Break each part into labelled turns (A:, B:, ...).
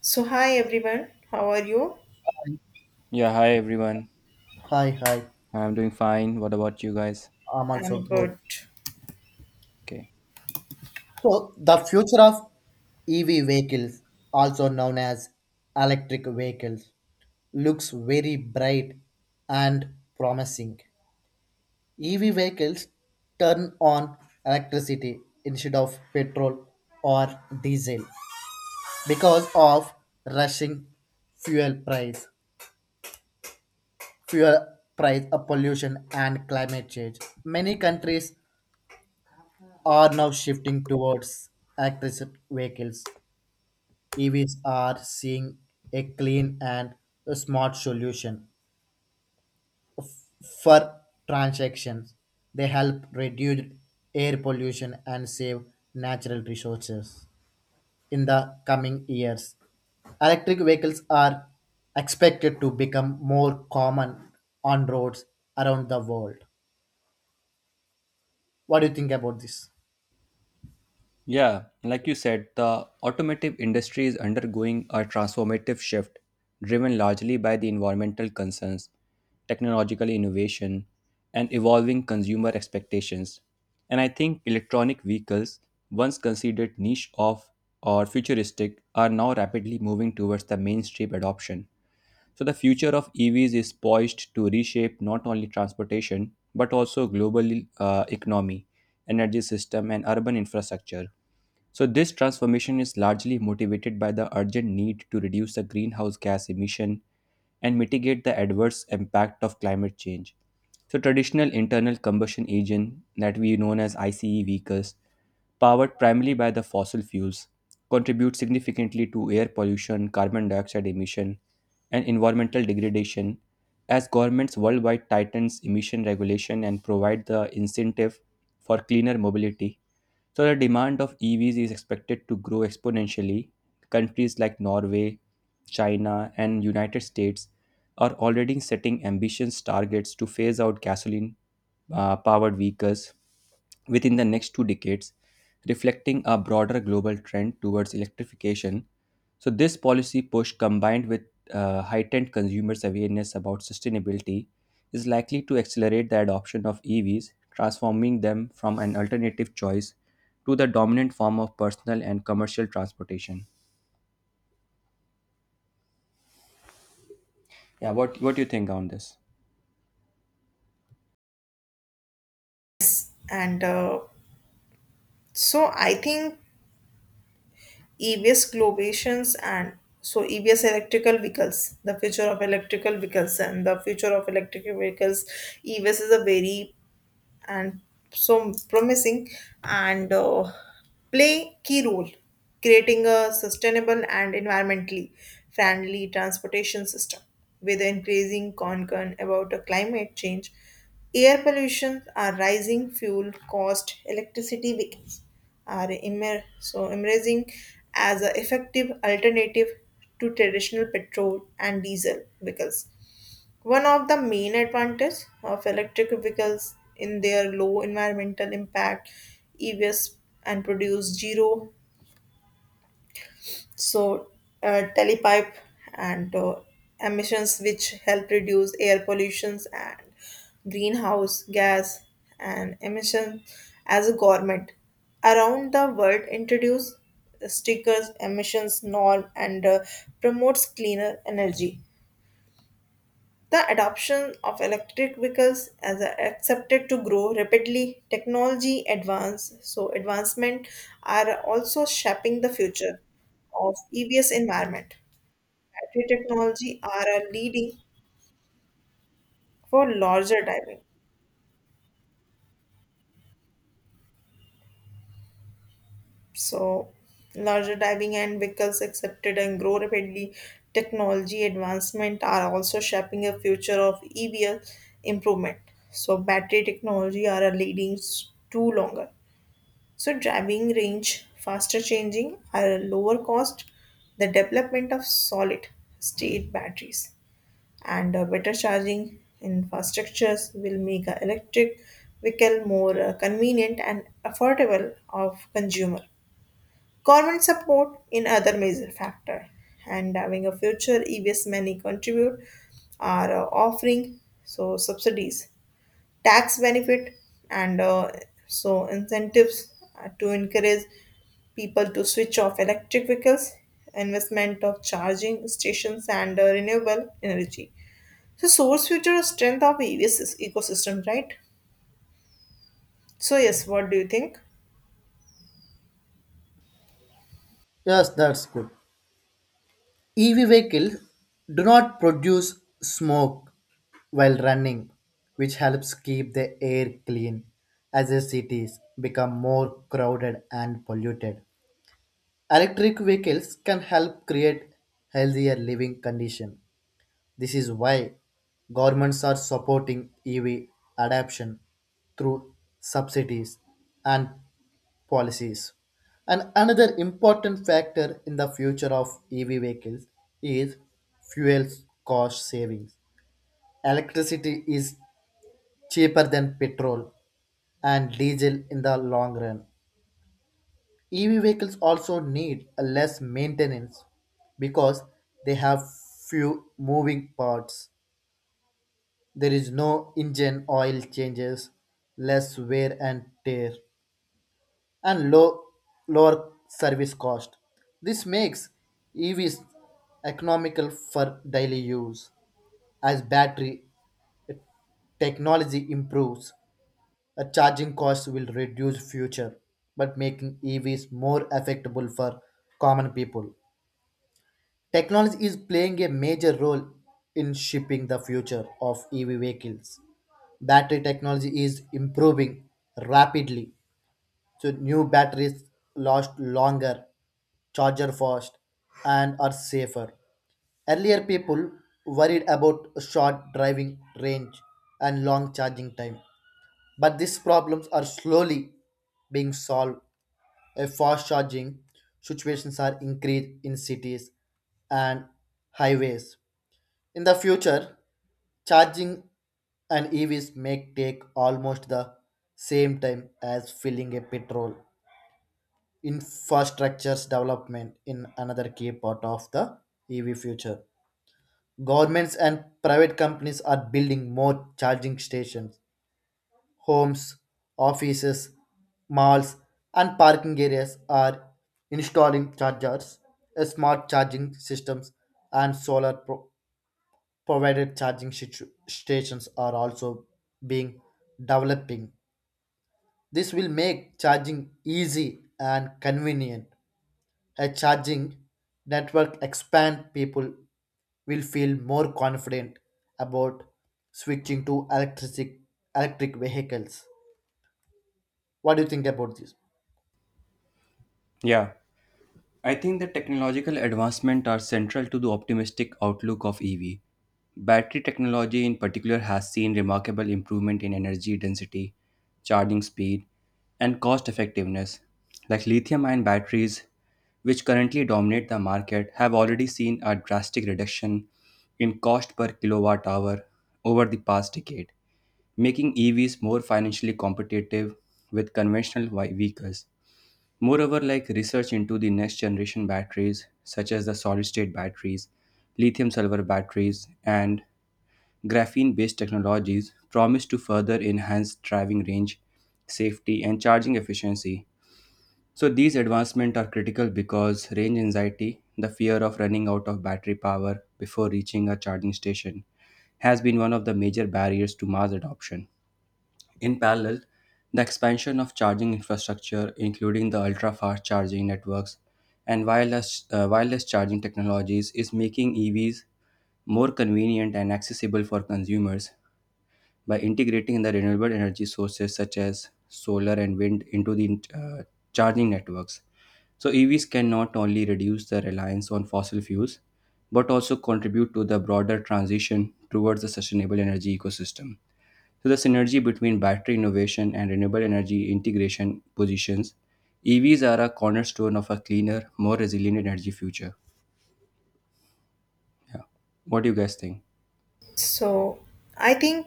A: So, hi everyone, how are you?
B: Yeah, hi everyone.
C: Hi, hi.
B: I'm doing fine. What about you guys?
C: I'm also
A: I'm
C: good.
A: good.
B: Okay.
C: So, the future of EV vehicles, also known as electric vehicles, looks very bright and promising. EV vehicles turn on electricity instead of petrol or diesel because of rushing fuel price, fuel price, pollution and climate change. Many countries are now shifting towards electric vehicles. EVs are seeing a clean and smart solution for transactions. They help reduce air pollution and save natural resources in the coming years. Electric vehicles are expected to become more common on roads around the world. What do you think about this?
B: Yeah, like you said, the automotive industry is undergoing a transformative shift driven largely by the environmental concerns, technological innovation, and evolving consumer expectations. And I think electronic vehicles, once considered niche of or futuristic, are now rapidly moving towards the mainstream adoption. So the future of EVs is poised to reshape not only transportation but also global economy, energy system, and urban infrastructure. So this transformation is largely motivated by the urgent need to reduce the greenhouse gas emission and mitigate the adverse impact of climate change. So traditional internal combustion engine that we known as ICE vehicles, powered primarily by the fossil fuels, contribute significantly to air pollution, carbon dioxide emission, and environmental degradation as governments worldwide tightens emission regulation and provide the incentive for cleaner mobility, so the demand of EVs is expected to grow exponentially. Countries like Norway, China, and United States are already setting ambitious targets to phase out gasoline powered vehicles within the next two decades, reflecting a broader global trend towards electrification. So this policy push combined with heightened consumers' awareness about sustainability is likely to accelerate the adoption of EVs, transforming them from an alternative choice to the dominant form of personal and commercial transportation. Yeah, what do you think on this?
A: And so, I think EVs Globations and so EVs electrical vehicles, the future of electrical vehicles, and the future of electric vehicles, EVs is a very and so promising and play key role creating a sustainable and environmentally friendly transportation system with increasing concern about the climate change, air pollution are rising fuel cost, electricity bills are emerging as an effective alternative to traditional petrol and diesel vehicles. One of the main advantages of electric vehicles in their low environmental impact, EVs and produce zero, so telepipe and emissions, which help reduce air pollutions and greenhouse gas and emission as a government around the world introduce stickers emissions norm and promotes cleaner energy. The adoption of electric vehicles as accepted to grow rapidly, technology advance, so advancement are also shaping the future of EVs environment. Battery technology are a leading for larger diving. So larger diving and vehicles accepted and grow rapidly. Technology advancement are also shaping a future of EVs improvement. So battery technology are a leading to longer. So driving range, faster changing, are lower cost, the development of solid state batteries, and better charging infrastructures will make a electric vehicle more convenient and affordable of consumer. Government support in other major factor, and having a future EVs many contribute, are offering so subsidies, tax benefit, and so incentives, to encourage people to switch off electric vehicles, investment of charging stations and renewable energy, so source future is strength of evs is ecosystem, right? So yes, what do you think?
C: Yes, that's good. EV vehicles do not produce smoke while running, which helps keep the air clean as the cities become more crowded and polluted. Electric vehicles can help create healthier living conditions. This is why governments are supporting EV adoption through subsidies and policies. And another important factor in the future of EV vehicles is fuel cost savings. Electricity is cheaper than petrol and diesel in the long run. EV vehicles also need a less maintenance because they have few moving parts. There is no engine oil changes, less wear and tear and low, lower service cost. This makes EVs economical for daily use. As battery technology improves, a charging cost will reduce future, but making EVs more affordable for common people. Technology is playing a major role in shaping the future of EV vehicles. Battery technology is improving rapidly. So new batteries last longer, charger fast, and are safer. Earlier, people worried about short driving range and long charging time, but these problems are slowly being solved. A fast charging situations are increased in cities and highways. In the future, charging and EVs may take almost the same time as filling a petrol infrastructures development in another key part of the EV future. Governments and private companies are building more charging stations, homes, offices, malls, and parking areas are installing chargers, smart charging systems, and provided charging stations are also being developing. This will make charging easy and convenient, a charging network expand people will feel more confident about switching to electric vehicles. What do you think about this?
B: Yeah, I think the technological advancement are central to the optimistic outlook of EV. Battery technology in particular has seen remarkable improvement in energy density, charging speed, and cost effectiveness. Like lithium-ion batteries, which currently dominate the market, have already seen a drastic reduction in cost per kilowatt hour over the past decade, making EVs more financially competitive with conventional vehicles. Moreover, like research into the next generation batteries, such as the solid state batteries, lithium silver batteries, and graphene based technologies, promise to further enhance driving range, safety, and charging efficiency. So these advancements are critical because range anxiety, the fear of running out of battery power before reaching a charging station, has been one of the major barriers to mass adoption. In parallel, the expansion of charging infrastructure, including the ultra fast charging networks and wireless charging technologies, is making EVs more convenient and accessible for consumers by integrating the renewable energy sources such as solar and wind into the charging networks. So EVs can not only reduce the reliance on fossil fuels but also contribute to the broader transition towards the sustainable energy ecosystem. So the synergy between battery innovation and renewable energy integration positions EVs are a cornerstone of a cleaner, more resilient energy future. Yeah. What do you guys think?
A: So I think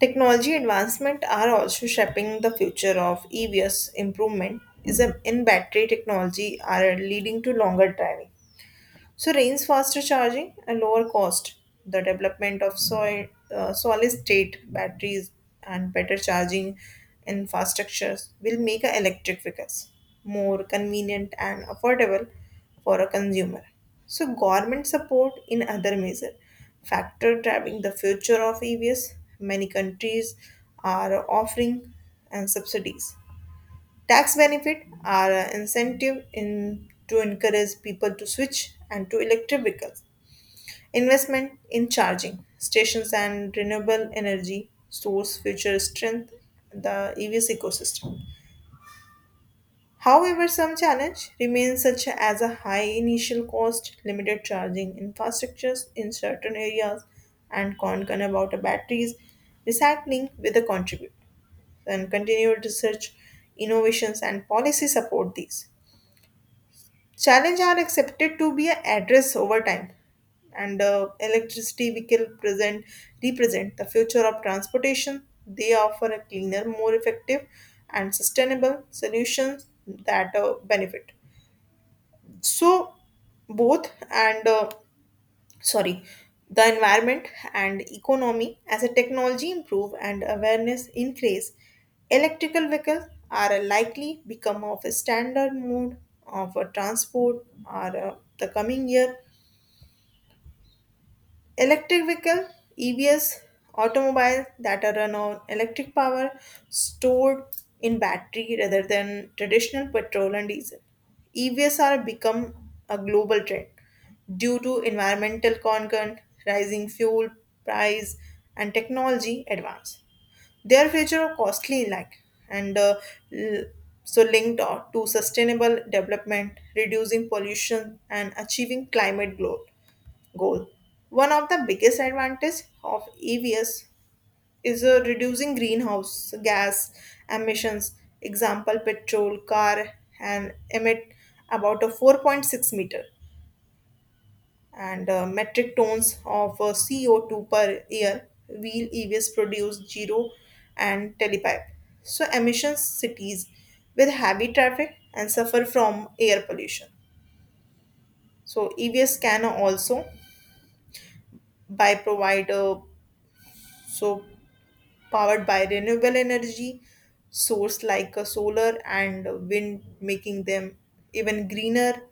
A: technology advancement are also shaping the future of evs improvement is in battery technology are leading to longer driving. So rains, faster charging, and lower cost. The development of solid state batteries and better charging infrastructures will make a electric vehicles more convenient and affordable for a consumer. So government support in other measure factor driving the future of EVs. Many countries are offering and subsidies. Tax benefits are an incentive in, to encourage people to switch and to electric vehicles. Investment in charging stations and renewable energy source future strength the EVs ecosystem. However, some challenge remains, such as a high initial cost, limited charging infrastructures in certain areas, and concern about the batteries recycling with the contribute and continued research, innovations, and policy support these. Challenges are accepted to be addressed over time, and electricity vehicle present represent the future of transportation. They offer a cleaner, more effective, and sustainable solutions that benefit. So both and sorry, the environment and economy, as a technology improve and awareness increase, electrical vehicles are likely become of a standard mode of a transport or the coming year. Electric vehicle, EVs, automobiles that are run on electric power stored in battery rather than traditional petrol and diesel. EVs are become a global trend due to environmental concern, rising fuel price, and technology advance. Their future are costly like and l- so linked to sustainable development, reducing pollution, and achieving climate goal. One of the biggest advantages of EVs is reducing greenhouse gas emissions. Example, petrol car and emit about a 4.6 meter and metric tons of CO2 per year. Wheel EVs produce zero and telepipe. So emissions cities with heavy traffic and suffer from air pollution. So EVs can also by provider so powered by renewable energy source like solar and wind, making them even greener.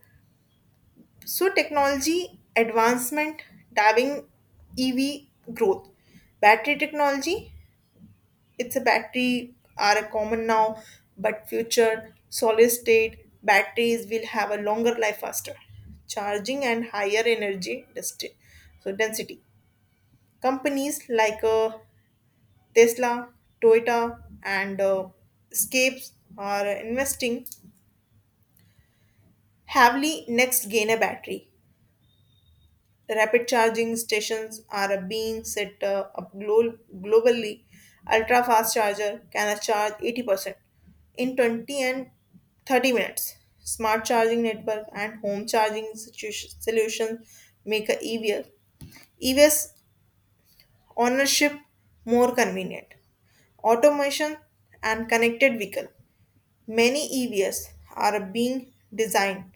A: So technology advancement driving ev growth, battery technology, it's a battery are a common now, but future solid state batteries will have a longer life, faster charging, and higher energy density. Companies like Tesla, Toyota, and Scapes are investing heavily next gain battery. Rapid charging stations are being set up globally. Ultra fast charger can charge 80% in 20 and 30 minutes. Smart charging network and home charging solutions make a EVs ownership more convenient. Automation and connected vehicle. Many EVs are being designed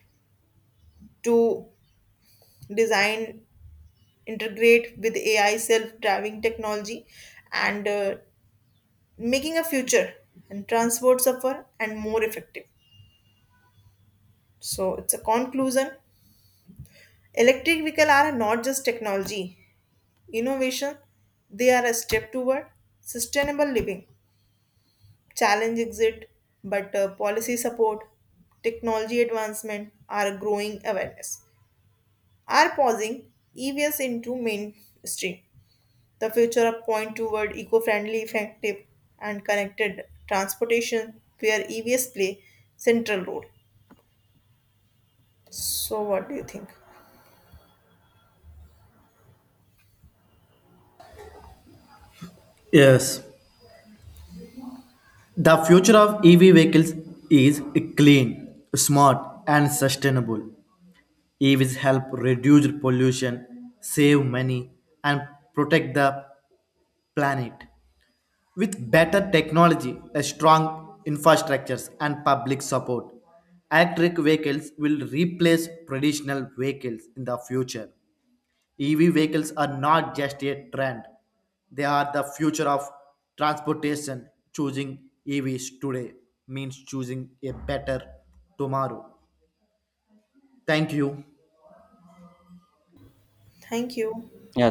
A: to design integrate with AI self-driving technology and making a future and transport safer and more effective. So it's a conclusion. Electric vehicle are not just technology innovation; they are a step toward sustainable living. Challenge exit, but policy support, technology advancement are growing awareness, are pausing EVs into mainstream. The future of point toward eco-friendly, effective, and connected transportation where EVs play central role. So what do you think?
C: Yes, the future of EV vehicles is clean, smart, and sustainable. EVs help reduce pollution, save money, and protect the planet. With better technology, a strong infrastructures, and public support, electric vehicles will replace traditional vehicles in the future. EV vehicles are not just a trend, they are the future of transportation. Choosing EVs today means choosing a better tomorrow. Thank you.
A: Thank you.
B: Yeah,